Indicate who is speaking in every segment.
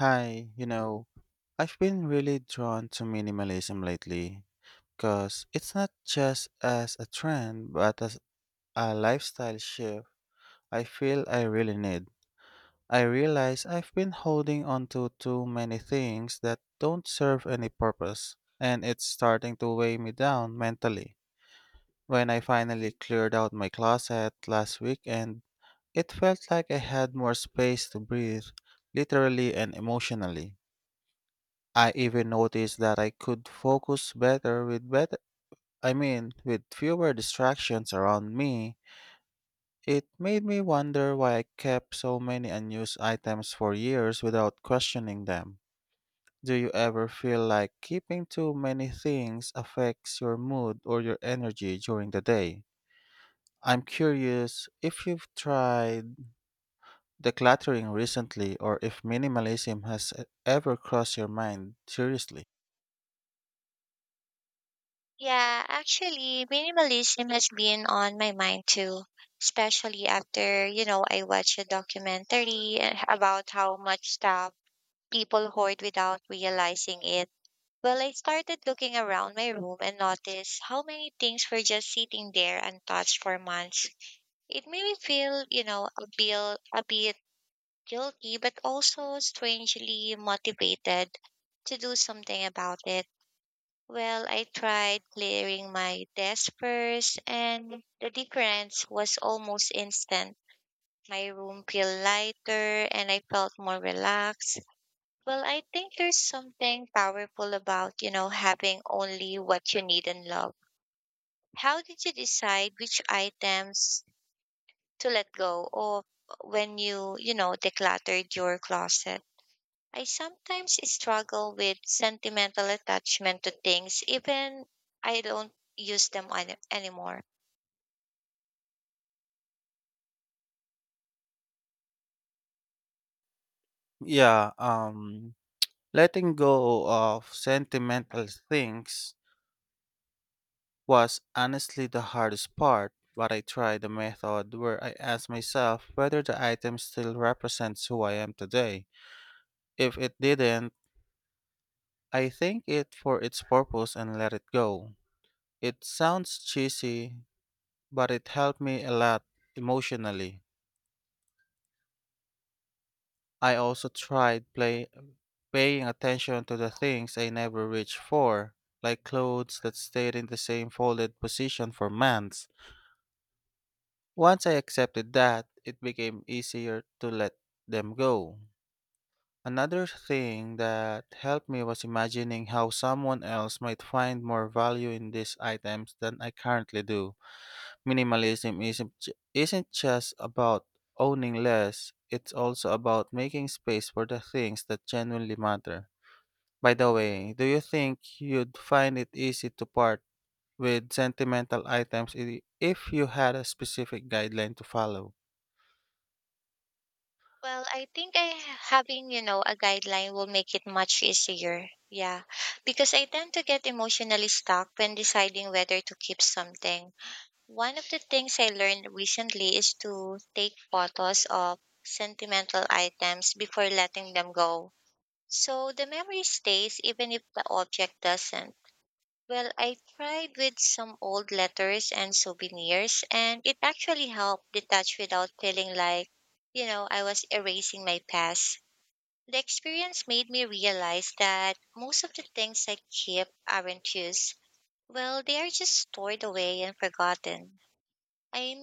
Speaker 1: Hi, I've been really drawn to minimalism lately because it's not just as a trend but as a lifestyle shift I feel I really need. I realize I've been holding on to too many things that don't serve any purpose, and it's starting to weigh me down mentally. When I finally cleared out my closet last weekend, it felt like I had more space to breathe, literally and emotionally. I even noticed that I could focus better with better I mean with fewer distractions around me. It made me wonder why I kept so many unused items for years without questioning them. Do you ever feel like keeping too many things affects your mood or your energy during the day? I'm curious if you've tried decluttering recently or if minimalism has ever crossed your mind seriously.
Speaker 2: Yeah, actually, minimalism has been on my mind too, especially after, I watched a documentary about how much stuff people hoard without realizing it. Well, I started looking around my room and noticed how many things were just sitting there untouched for months. It made me feel, a bit guilty, but also strangely motivated to do something about it. Well, I tried clearing my desk first, and the difference was almost instant. My room felt lighter and I felt more relaxed. Well, I think there's something powerful about, having only what you need and love. How did you decide which items to let go of when you decluttered your closet? I sometimes struggle with sentimental attachment to things, even I don't use them anymore.
Speaker 1: Yeah. Letting go of sentimental things was honestly the hardest part, but I tried a method where I asked myself whether the item still represents who I am today. If it didn't, I thank it for its purpose and let it go. It sounds cheesy, but it helped me a lot emotionally. I also tried paying attention to the things I never reached for, like clothes that stayed in the same folded position for months. Once I accepted that, it became easier to let them go. Another thing that helped me was imagining how someone else might find more value in these items than I currently do. Minimalism isn't just about owning less, it's also about making space for the things that genuinely matter. By the way, do you think you'd find it easy to part with sentimental items if you had a specific guideline to follow?
Speaker 2: Well, I think I having a guideline will make it much easier. Yeah, because I tend to get emotionally stuck when deciding whether to keep something. One of the things I learned recently is to take photos of sentimental items before letting them go, so the memory stays even if the object doesn't. Well, I tried with some old letters and souvenirs, and it actually helped detach without feeling like, I was erasing my past. The experience made me realize that most of the things I keep aren't used. Well, they are just stored away and forgotten. I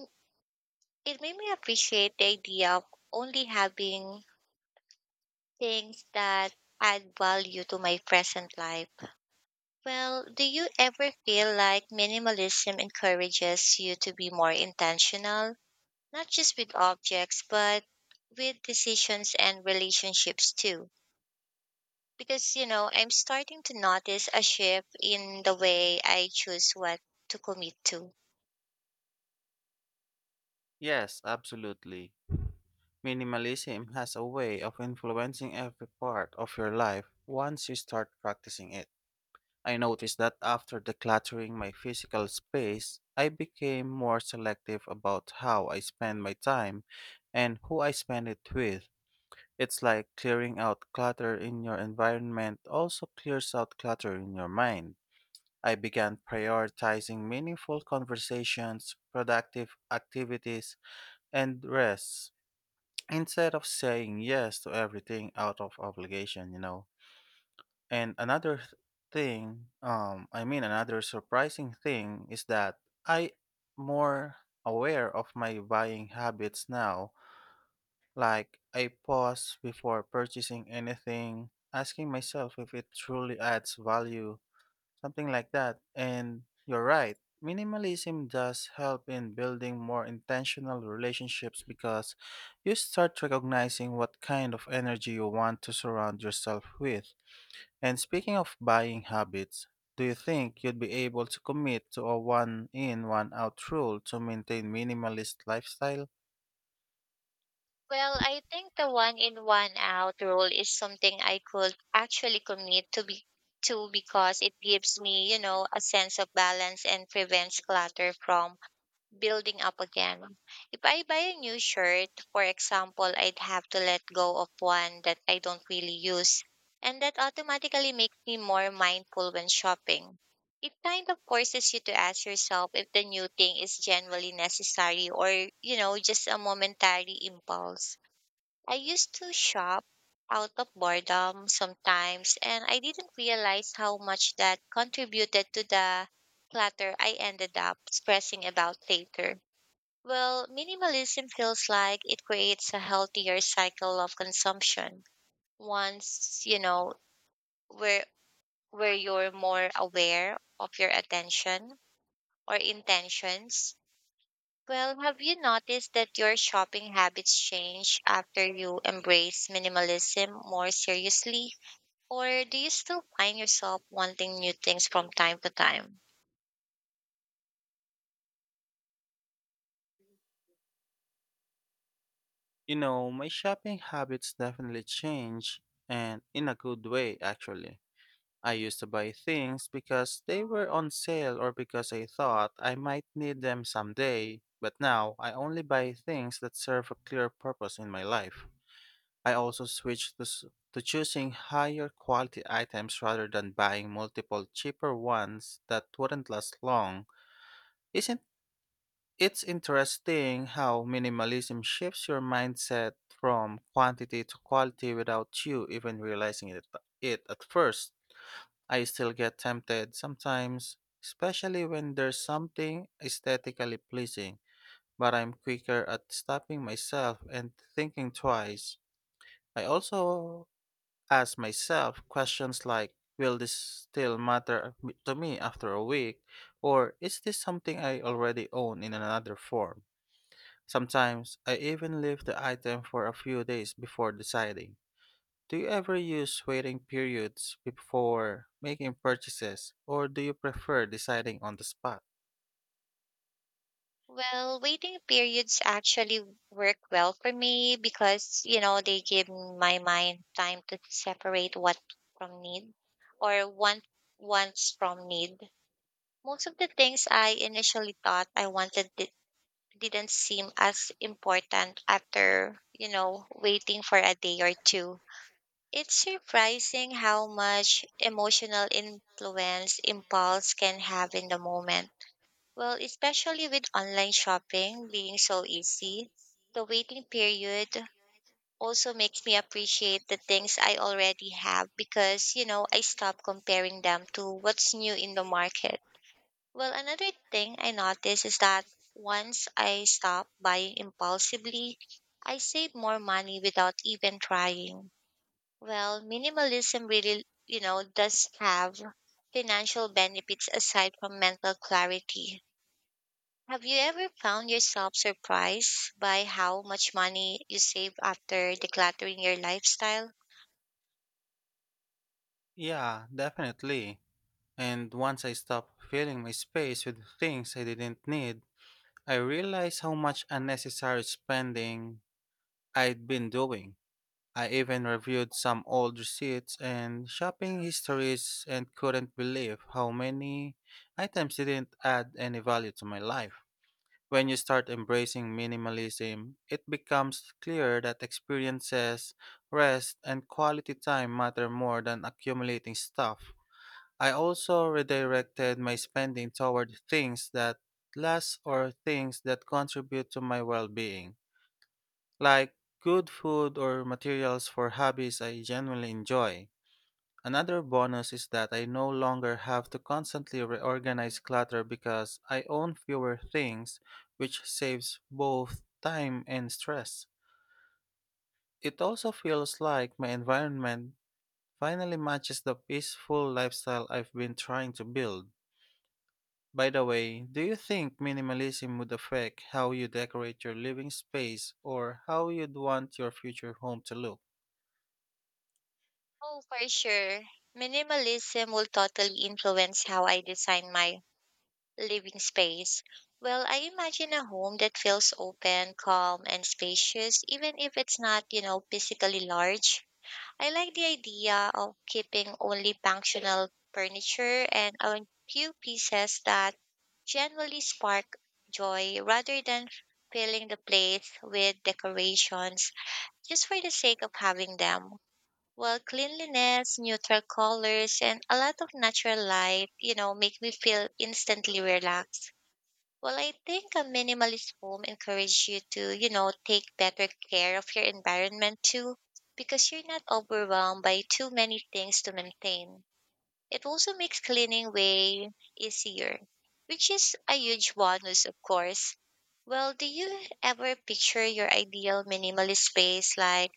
Speaker 2: It made me appreciate the idea of only having things that add value to my present life. Well, do you ever feel like minimalism encourages you to be more intentional, not just with objects, but with decisions and relationships too? Because, I'm starting to notice a shift in the way I choose what to commit to.
Speaker 1: Yes, absolutely. Minimalism has a way of influencing every part of your life once you start practicing it. I noticed that after decluttering my physical space, I became more selective about how I spend my time and who I spend it with. It's like clearing out clutter in your environment also clears out clutter in your mind. I began prioritizing meaningful conversations, productive activities, and rest instead of saying yes to everything out of obligation. And I mean, another surprising thing is that I more aware of my buying habits now. Like I pause before purchasing anything, asking myself if it truly adds value. Something like that. And you're right. Minimalism does help in building more intentional relationships because you start recognizing what kind of energy you want to surround yourself with. And speaking of buying habits, do you think you'd be able to commit to a one in, one out rule to maintain minimalist lifestyle?
Speaker 2: Well, I think the one in one out rule is something I could actually commit to because it gives me, a sense of balance and prevents clutter from building up again. If I buy a new shirt, for example, I'd have to let go of one that I don't really use. And that automatically makes me more mindful when shopping. It kind of forces you to ask yourself if the new thing is genuinely necessary or, just a momentary impulse. I used to shop out of boredom sometimes, and I didn't realize how much that contributed to the clutter I ended up stressing about later. Well, minimalism feels like it creates a healthier cycle of consumption. Once, where where you're more aware of your attention or intentions. Well, have you noticed that your shopping habits change after you embrace minimalism more seriously? Or do you still find yourself wanting new things from time to time?
Speaker 1: You know, my shopping habits definitely change and in a good way actually. I used to buy things because they were on sale or because I thought I might need them someday, but now I only buy things that serve a clear purpose in my life. I also to choosing higher quality items rather than buying multiple cheaper ones that wouldn't last long. Isn't It's interesting how minimalism shifts your mindset from quantity to quality without you even realizing it at first. I still get tempted sometimes, especially when there's something aesthetically pleasing, but I'm quicker at stopping myself and thinking twice. I also ask myself questions like, will this still matter to me after a week? Or is this something I already own in another form? Sometimes I even leave the item for a few days before deciding. Do you ever use waiting periods before making purchases, or do you prefer deciding on the spot?
Speaker 2: Well, waiting periods actually work well for me because, they give my mind time to separate what from need or want wants from need. Most of the things I initially thought I wanted didn't seem as important after, waiting for a day or two. It's surprising how much emotional influence impulse can have in the moment, well, especially with online shopping being so easy, the waiting period also makes me appreciate the things I already have because, I stop comparing them to what's new in the market. Well, another thing I notice is that once I stop buying impulsively, I save more money without even trying. Well, minimalism really, does have financial benefits aside from mental clarity. Have you ever found yourself surprised by how much money you save after decluttering your lifestyle?
Speaker 1: Yeah, definitely. And once I stopped filling my space with things I didn't need, I realized how much unnecessary spending I'd been doing. I even reviewed some old receipts and shopping histories and couldn't believe how many items didn't add any value to my life. When you start embracing minimalism, it becomes clear that experiences, rest, and quality time matter more than accumulating stuff. I also redirected my spending toward things that last or things that contribute to my well being, like good food or materials for hobbies I genuinely enjoy. Another bonus is that I no longer have to constantly reorganize clutter because I own fewer things, which saves both time and stress. It also feels like my environment finally matches the peaceful lifestyle I've been trying to build. By the way, do you think minimalism would affect how you decorate your living space or how you'd want your future home to look?
Speaker 2: Oh, for sure. Minimalism will totally influence how I design my living space. Well, I imagine a home that feels open, calm, and spacious, even if it's not, physically large. I like the idea of keeping only functional furniture and a few pieces that genuinely spark joy rather than filling the place with decorations just for the sake of having them. Well, cleanliness, neutral colors, and a lot of natural light, make me feel instantly relaxed. Well, I think a minimalist home encourages you to, take better care of your environment too, because you're not overwhelmed by too many things to maintain. It also makes cleaning way easier, which is a huge bonus, of course. Well, do you ever picture your ideal minimalist space? Like,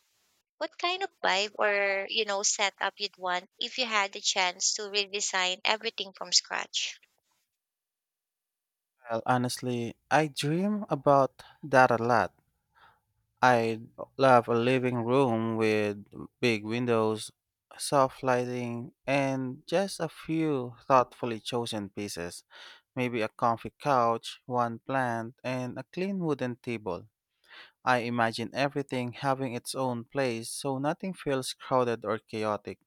Speaker 2: what kind of vibe or, setup you'd want if you had the chance to redesign everything from scratch?
Speaker 1: Well, honestly, I dream about that a lot. I'd love a living room with big windows, soft lighting, and just a few thoughtfully chosen pieces. Maybe a comfy couch, one plant, and a clean wooden table. I imagine everything having its own place so nothing feels crowded or chaotic.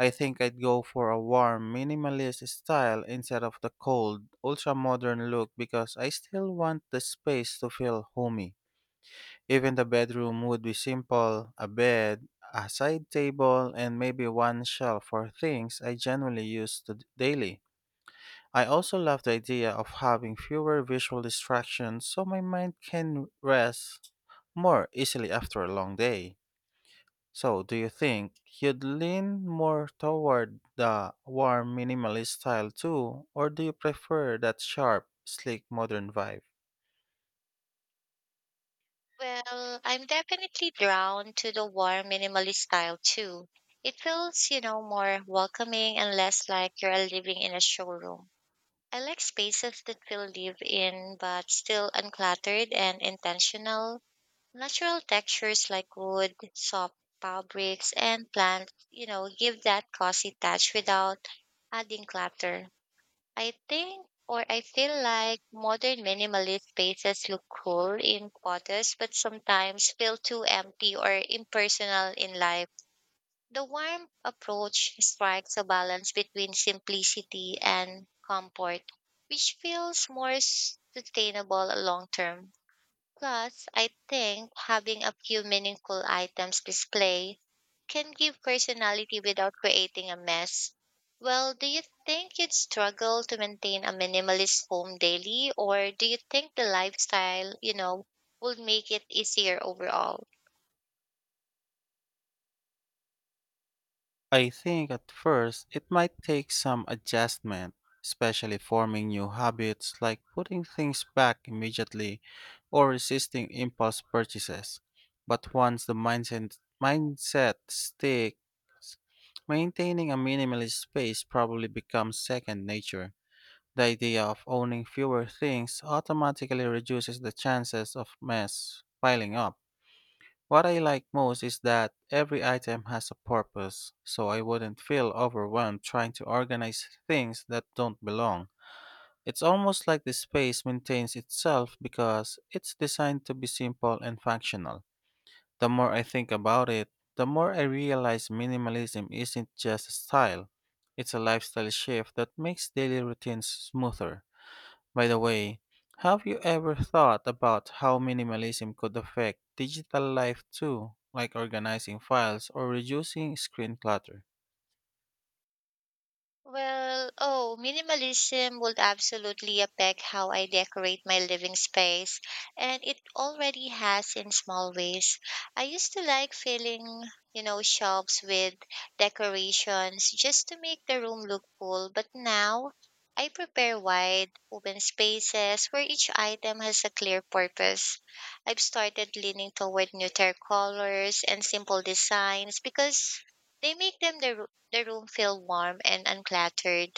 Speaker 1: I think I'd go for a warm, minimalist style instead of the cold, ultra modern look because I still want the space to feel homey. Even the bedroom would be simple: a bed, a side table, and maybe one shelf for things I generally use to daily. I also love the idea of having fewer visual distractions so my mind can rest more easily after a long day. So, do you think you'd lean more toward the warm minimalist style too, or do you prefer that sharp, sleek modern vibe?
Speaker 2: Well, I'm definitely drawn to the warm minimalist style too. It feels, more welcoming and less like you're living in a showroom. I like spaces that feel live in but still uncluttered and intentional. Natural textures like wood, soft fabrics, and plants, give that cozy touch without adding clutter. I think or I feel like modern minimalist spaces look cool in photos but sometimes feel too empty or impersonal in life. The warm approach strikes a balance between simplicity and comfort, which feels more sustainable long term. Plus, I think having a few meaningful items display can give personality without creating a mess. Well, do you think you'd struggle to maintain a minimalist home daily, or do you think the lifestyle, would make it easier overall?
Speaker 1: I think at first it might take some adjustment, especially forming new habits like putting things back immediately or resisting impulse purchases. But once the mindset stick, maintaining a minimalist space probably becomes second nature. The idea of owning fewer things automatically reduces the chances of mess piling up. What I like most is that every item has a purpose, so I wouldn't feel overwhelmed trying to organize things that don't belong. It's almost like the space maintains itself because it's designed to be simple and functional. The more I think about it, the more I realize minimalism isn't just a style, it's a lifestyle shift that makes daily routines smoother. By the way, have you ever thought about how minimalism could affect digital life too, like organizing files or reducing screen clutter?
Speaker 2: Minimalism would absolutely affect how I decorate my living space, and it already has in small ways. I used to like filling, shops with decorations just to make the room look cool, but now I prepare wide, open spaces where each item has a clear purpose. I've started leaning toward neutral colors and simple designs because they make the room feel warm and uncluttered.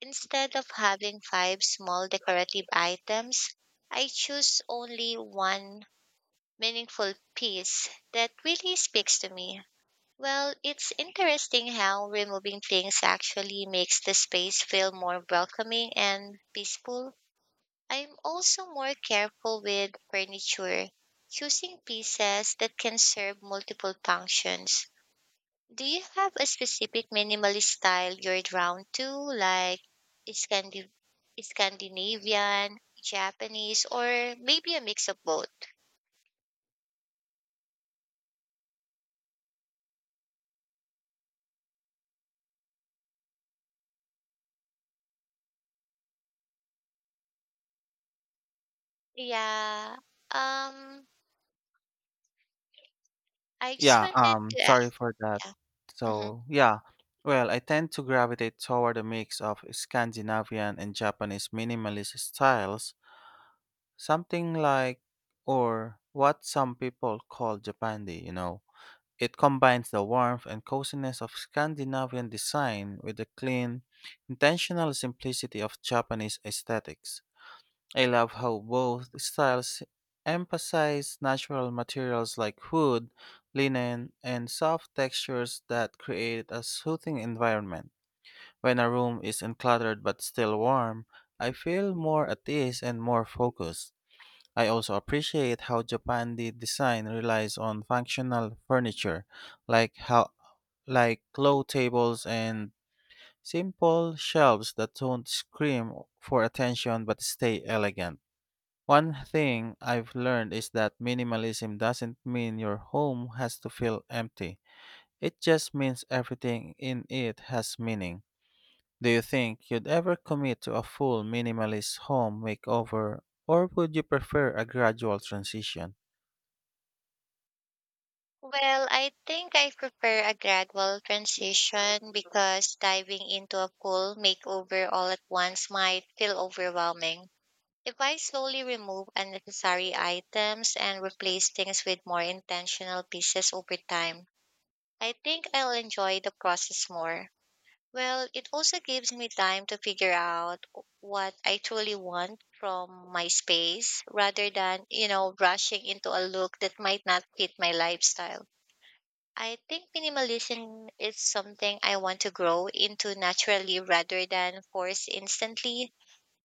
Speaker 2: Instead of having five small decorative items, I choose only one meaningful piece that really speaks to me. Well, it's interesting how removing things actually makes the space feel more welcoming and peaceful. I'm also more careful with furniture, choosing pieces that can serve multiple functions. Do you have a specific minimalist style you're drawn to, like Scandi- Scandinavian, Japanese, or maybe a mix of both? Yeah. Um, I just
Speaker 1: Yeah,
Speaker 2: wanted
Speaker 1: um,
Speaker 2: to
Speaker 1: sorry
Speaker 2: ask.
Speaker 1: for that.
Speaker 2: Yeah. Hmm.
Speaker 1: So, yeah, well, I tend to gravitate toward a mix of Scandinavian and Japanese minimalist styles, something like, or what some people call Japandi. It combines the warmth and coziness of Scandinavian design with the clean, intentional simplicity of Japanese aesthetics. I love how both styles emphasize natural materials like wood, linen, and soft textures that create a soothing environment. When a room is uncluttered but still warm, I feel more at ease and more focused. I also appreciate how Japan design relies on functional furniture, like how like low tables and simple shelves that don't scream for attention but stay elegant. One thing I've learned is that minimalism doesn't mean your home has to feel empty. It just means everything in it has meaning. Do you think you'd ever commit to a full minimalist home makeover, or would you prefer a gradual transition?
Speaker 2: Well, I think I prefer a gradual transition because diving into a full makeover all at once might feel overwhelming. If I slowly remove unnecessary items and replace things with more intentional pieces over time, I think I'll enjoy the process more. Well, it also gives me time to figure out what I truly want from my space rather than, rushing into a look that might not fit my lifestyle. I think minimalism is something I want to grow into naturally rather than force instantly.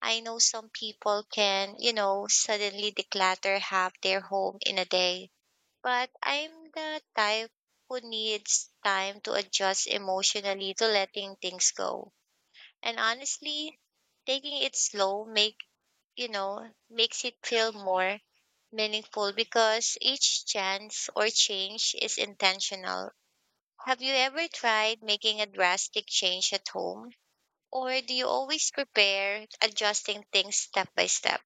Speaker 2: I know some people can, suddenly declutter half their home in a day, but I'm the type who needs time to adjust emotionally to letting things go. And honestly, taking it slow make, you know, makes it feel more meaningful because each chance or change is intentional. Have you ever tried making a drastic change at home? Or do you always prepare adjusting things step by step?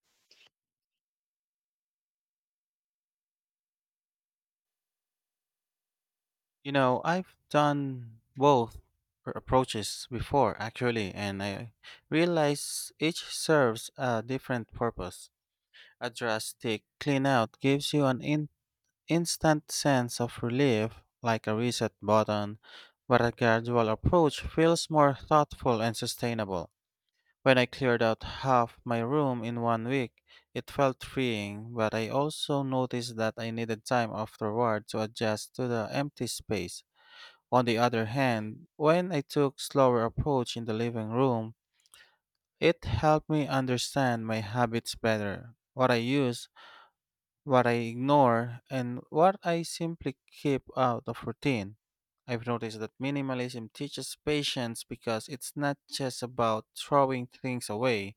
Speaker 1: You know, I've done both approaches before, actually, and I realize each serves a different purpose. A drastic clean out gives you an instant sense of relief, like a reset button, but a gradual approach feels more thoughtful and sustainable. When I cleared out half my room in 1 week, it felt freeing, but I also noticed that I needed time afterward to adjust to the empty space. On the other hand, when I took slower approach in the living room, it helped me understand my habits better: what I use, what I ignore, and what I simply keep out of routine. I've noticed that minimalism teaches patience because it's not just about throwing things away,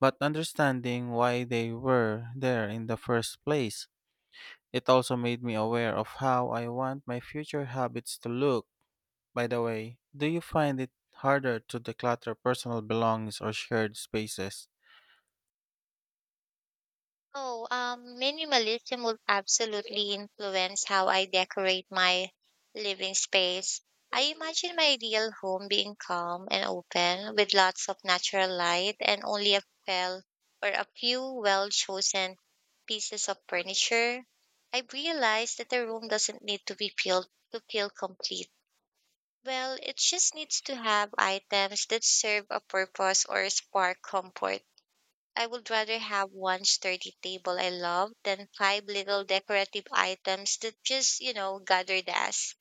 Speaker 1: but understanding why they were there in the first place. It also made me aware of how I want my future habits to look. By the way, do you find it harder to declutter personal belongings or shared spaces?
Speaker 2: Oh, Minimalism will absolutely influence how I decorate my living space. I imagine my ideal home being calm and open with lots of natural light and only few a few well-chosen pieces of furniture. I've realized that the room doesn't need to be filled to feel complete. Well, it just needs to have items that serve a purpose or spark comfort. I would rather have one sturdy table I love than five little decorative items that just, gather dust.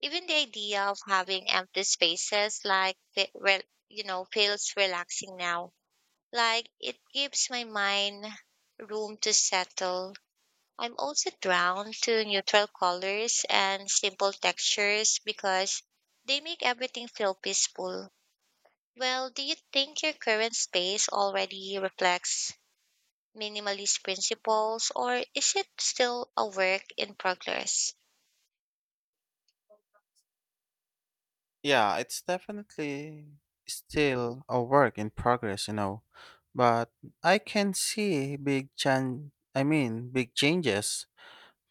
Speaker 2: Even the idea of having empty spaces, like, feels relaxing now. Like it gives my mind room to settle. I'm also drawn to neutral colors and simple textures because they make everything feel peaceful. Well, do you think your current space already reflects minimalist principles, or is it still a work in progress?
Speaker 1: Yeah, it's definitely still a work in progress, but I can see big chan I mean, big changes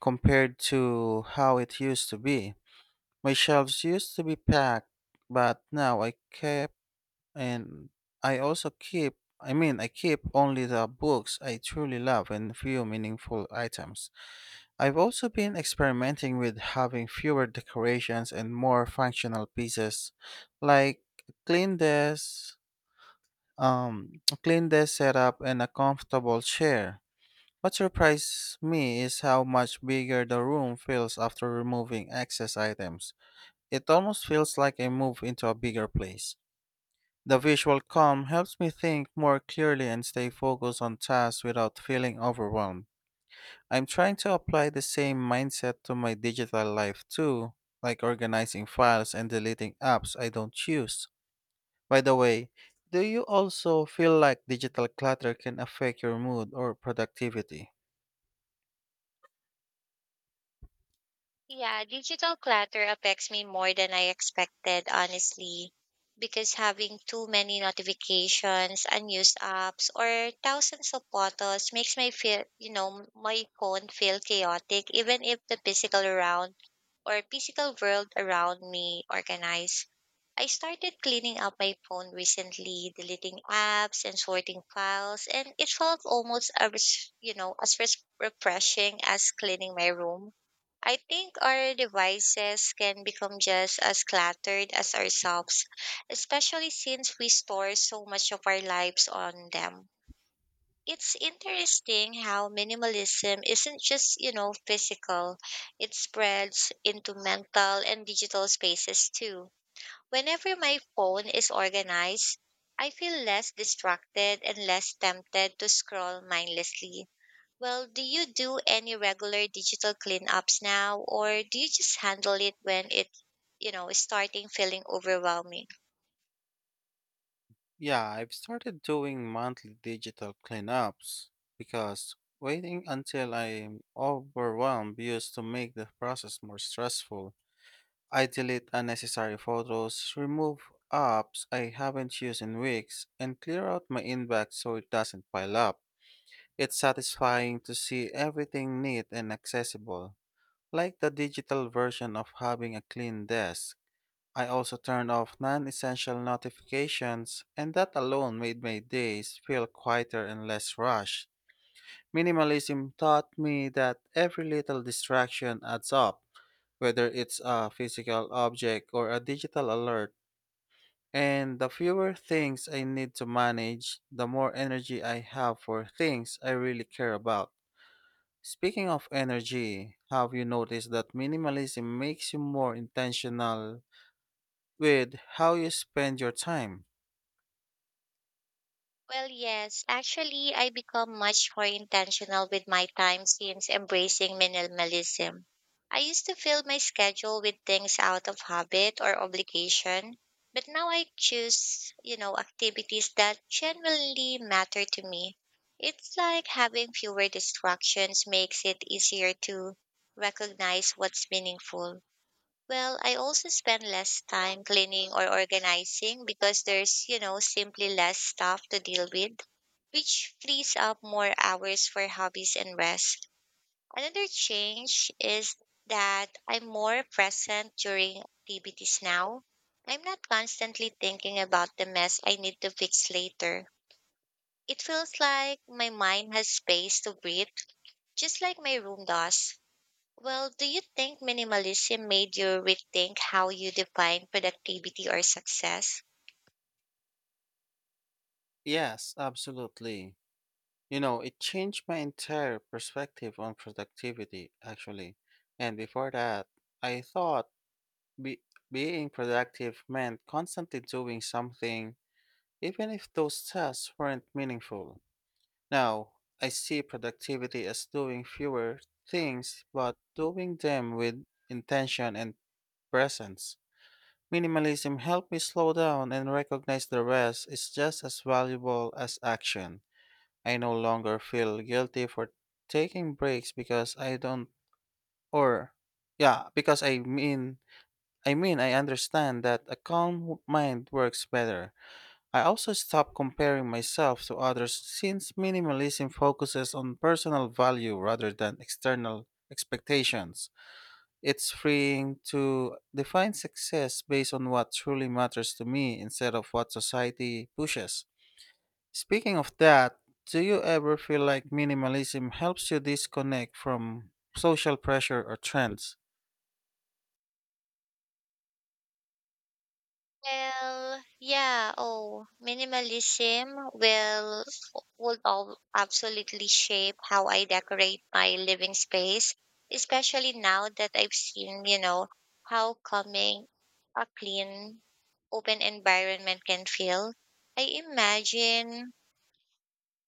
Speaker 1: compared to how it used to be. My shelves used to be packed, but now I kept and I also keep I mean, I keep only the books I truly love and few meaningful items. I've also been experimenting with having fewer decorations and more functional pieces, like a clean desk, a clean desk setup, and a comfortable chair. What surprised me is how much bigger the room feels after removing excess items. It almost feels like I move into a bigger place. The visual calm helps me think more clearly and stay focused on tasks without feeling overwhelmed. I'm trying to apply the same mindset to my digital life too, like organizing files and deleting apps I don't use. By the way, do you also feel like digital clutter can affect your mood or productivity?
Speaker 2: Yeah, digital clutter affects me more than I expected, honestly, because having too many notifications, unused apps, or thousands of photos makes my feel, my phone feel chaotic, even if the physical world around me organized. I started cleaning up my phone recently, deleting apps and sorting files, and it felt almost, as you know as res- refreshing as cleaning my room. I think our devices can become just as cluttered as ourselves, especially since we store so much of our lives on them. It's interesting how minimalism isn't just, physical. It spreads into mental and digital spaces too. Whenever my phone is organized, I feel less distracted and less tempted to scroll mindlessly. Well, do you do any regular digital cleanups now, or do you just handle it when it, is starting feeling overwhelming?
Speaker 1: Yeah, I've started doing monthly digital cleanups because waiting until I'm overwhelmed used to make the process more stressful. I delete unnecessary photos, remove apps I haven't used in weeks, and clear out my inbox so it doesn't pile up. It's satisfying to see everything neat and accessible, like the digital version of having a clean desk. I also turned off non essential notifications, and that alone made my days feel quieter and less rushed. Minimalism taught me that every little distraction adds up whether it's a physical object or a digital alert. And the fewer things I need to manage, the more energy I have for things I really care about. Speaking of energy, have you noticed that minimalism makes you more intentional with how you spend your time?
Speaker 2: Well, yes. Actually, I become much more intentional with my time since embracing minimalism. I used to fill my schedule with things out of habit or obligation, but now I choose, activities that genuinely matter to me. It's like having fewer distractions makes it easier to recognize what's meaningful. Well, I also spend less time cleaning or organizing because there's, simply less stuff to deal with, which frees up more hours for hobbies and rest. Another change is that I'm more present during activities now. I'm not constantly thinking about the mess I need to fix later. It feels like my mind has space to breathe, just like my room does. Well, do you think minimalism made you rethink how you define productivity or success?
Speaker 1: Yes, absolutely. You know, it changed my entire perspective on productivity, actually. And before that, I thought Be- being productive meant constantly doing something, even if those tasks weren't meaningful. Now, I see productivity as doing fewer things, but doing them with intention and presence. Minimalism helped me slow down and recognize the rest is just as valuable as action. I no longer feel guilty for taking breaks because I don't, or, yeah, because I mean, I understand that a calm mind works better. I also stopped comparing myself to others since minimalism focuses on personal value rather than external expectations. It's freeing to define success based on what truly matters to me instead of what society pushes. Speaking of that, do you ever feel like minimalism helps you disconnect from social pressure or trends?
Speaker 2: Minimalism will would all absolutely shape how I decorate my living space, especially now that I've seen, how calming a clean, open environment can feel. I imagine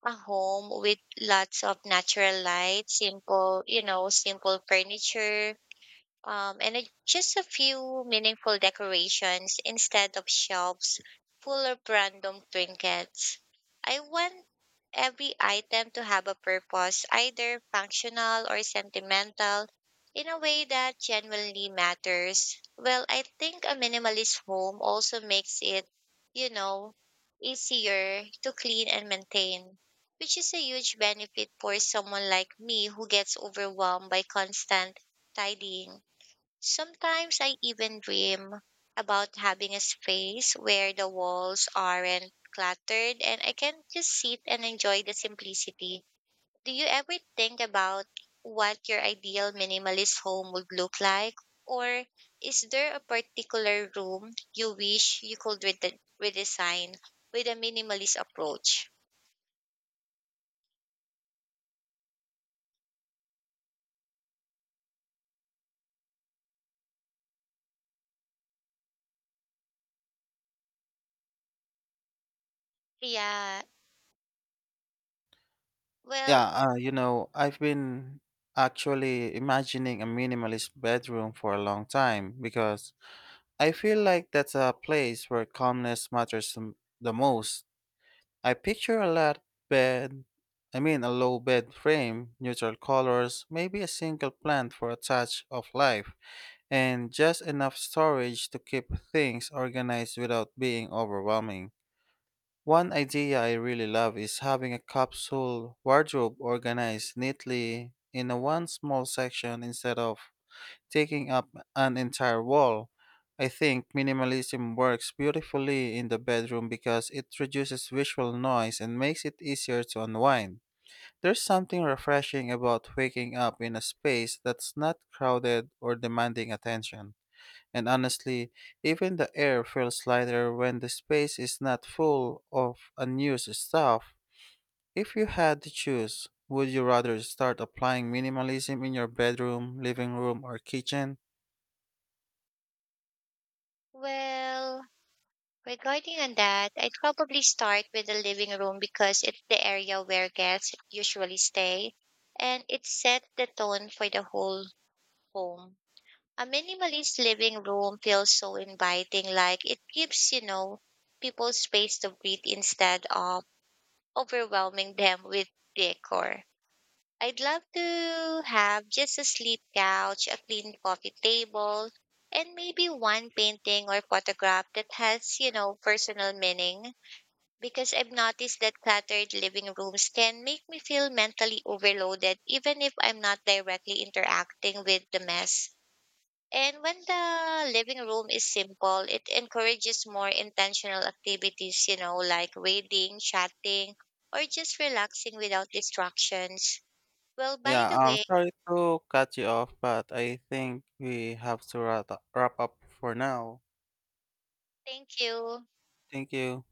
Speaker 2: a home with lots of natural light, simple furniture, and just a few meaningful decorations instead of shelves full of random trinkets. I want every item to have a purpose, either functional or sentimental, in a way that genuinely matters. Well, I think a minimalist home also makes it, you know, easier to clean and maintain, which is a huge benefit for someone like me who gets overwhelmed by constant tidying. Sometimes I even dream about having a space where the walls aren't cluttered and I can just sit and enjoy the simplicity. Do you ever think about what your ideal minimalist home would look like? Or is there a particular room you wish you could redesign with a minimalist approach? Yeah, well,
Speaker 1: Yeah, you know, I've been actually imagining a minimalist bedroom for a long time because I feel like that's a place where calmness matters the most. I picture bed, I mean, a low bed frame, neutral colors, maybe a single plant for a touch of life, and just enough storage to keep things organized without being overwhelming. One idea I really love is having a capsule wardrobe organized neatly in a one small section instead of taking up an entire wall. I think minimalism works beautifully in the bedroom because it reduces visual noise and makes it easier to unwind. There's something refreshing about waking up in a space that's not crowded or demanding attention. And honestly, even the air feels lighter when the space is not full of unused stuff. If you had to choose, would you rather start applying minimalism in your bedroom, living room, or kitchen?
Speaker 2: well. Regarding on that, I'd probably start with the living room because it's the area where guests usually stay and it set the tone for the whole home. A minimalist living room feels so inviting, like it gives, people space to breathe instead of overwhelming them with decor. I'd love to have just a sleep couch, a clean coffee table, and maybe one painting or photograph that has, personal meaning, because I've noticed that cluttered living rooms can make me feel mentally overloaded even if I'm not directly interacting with the mess. And when the living room is simple, it encourages more intentional activities, like reading, chatting, or just relaxing without distractions. Well, by
Speaker 1: Yeah,
Speaker 2: the
Speaker 1: I'm
Speaker 2: way,
Speaker 1: sorry to cut you off, but I think we have to wrap up for now.
Speaker 2: thank you.
Speaker 1: Thank you.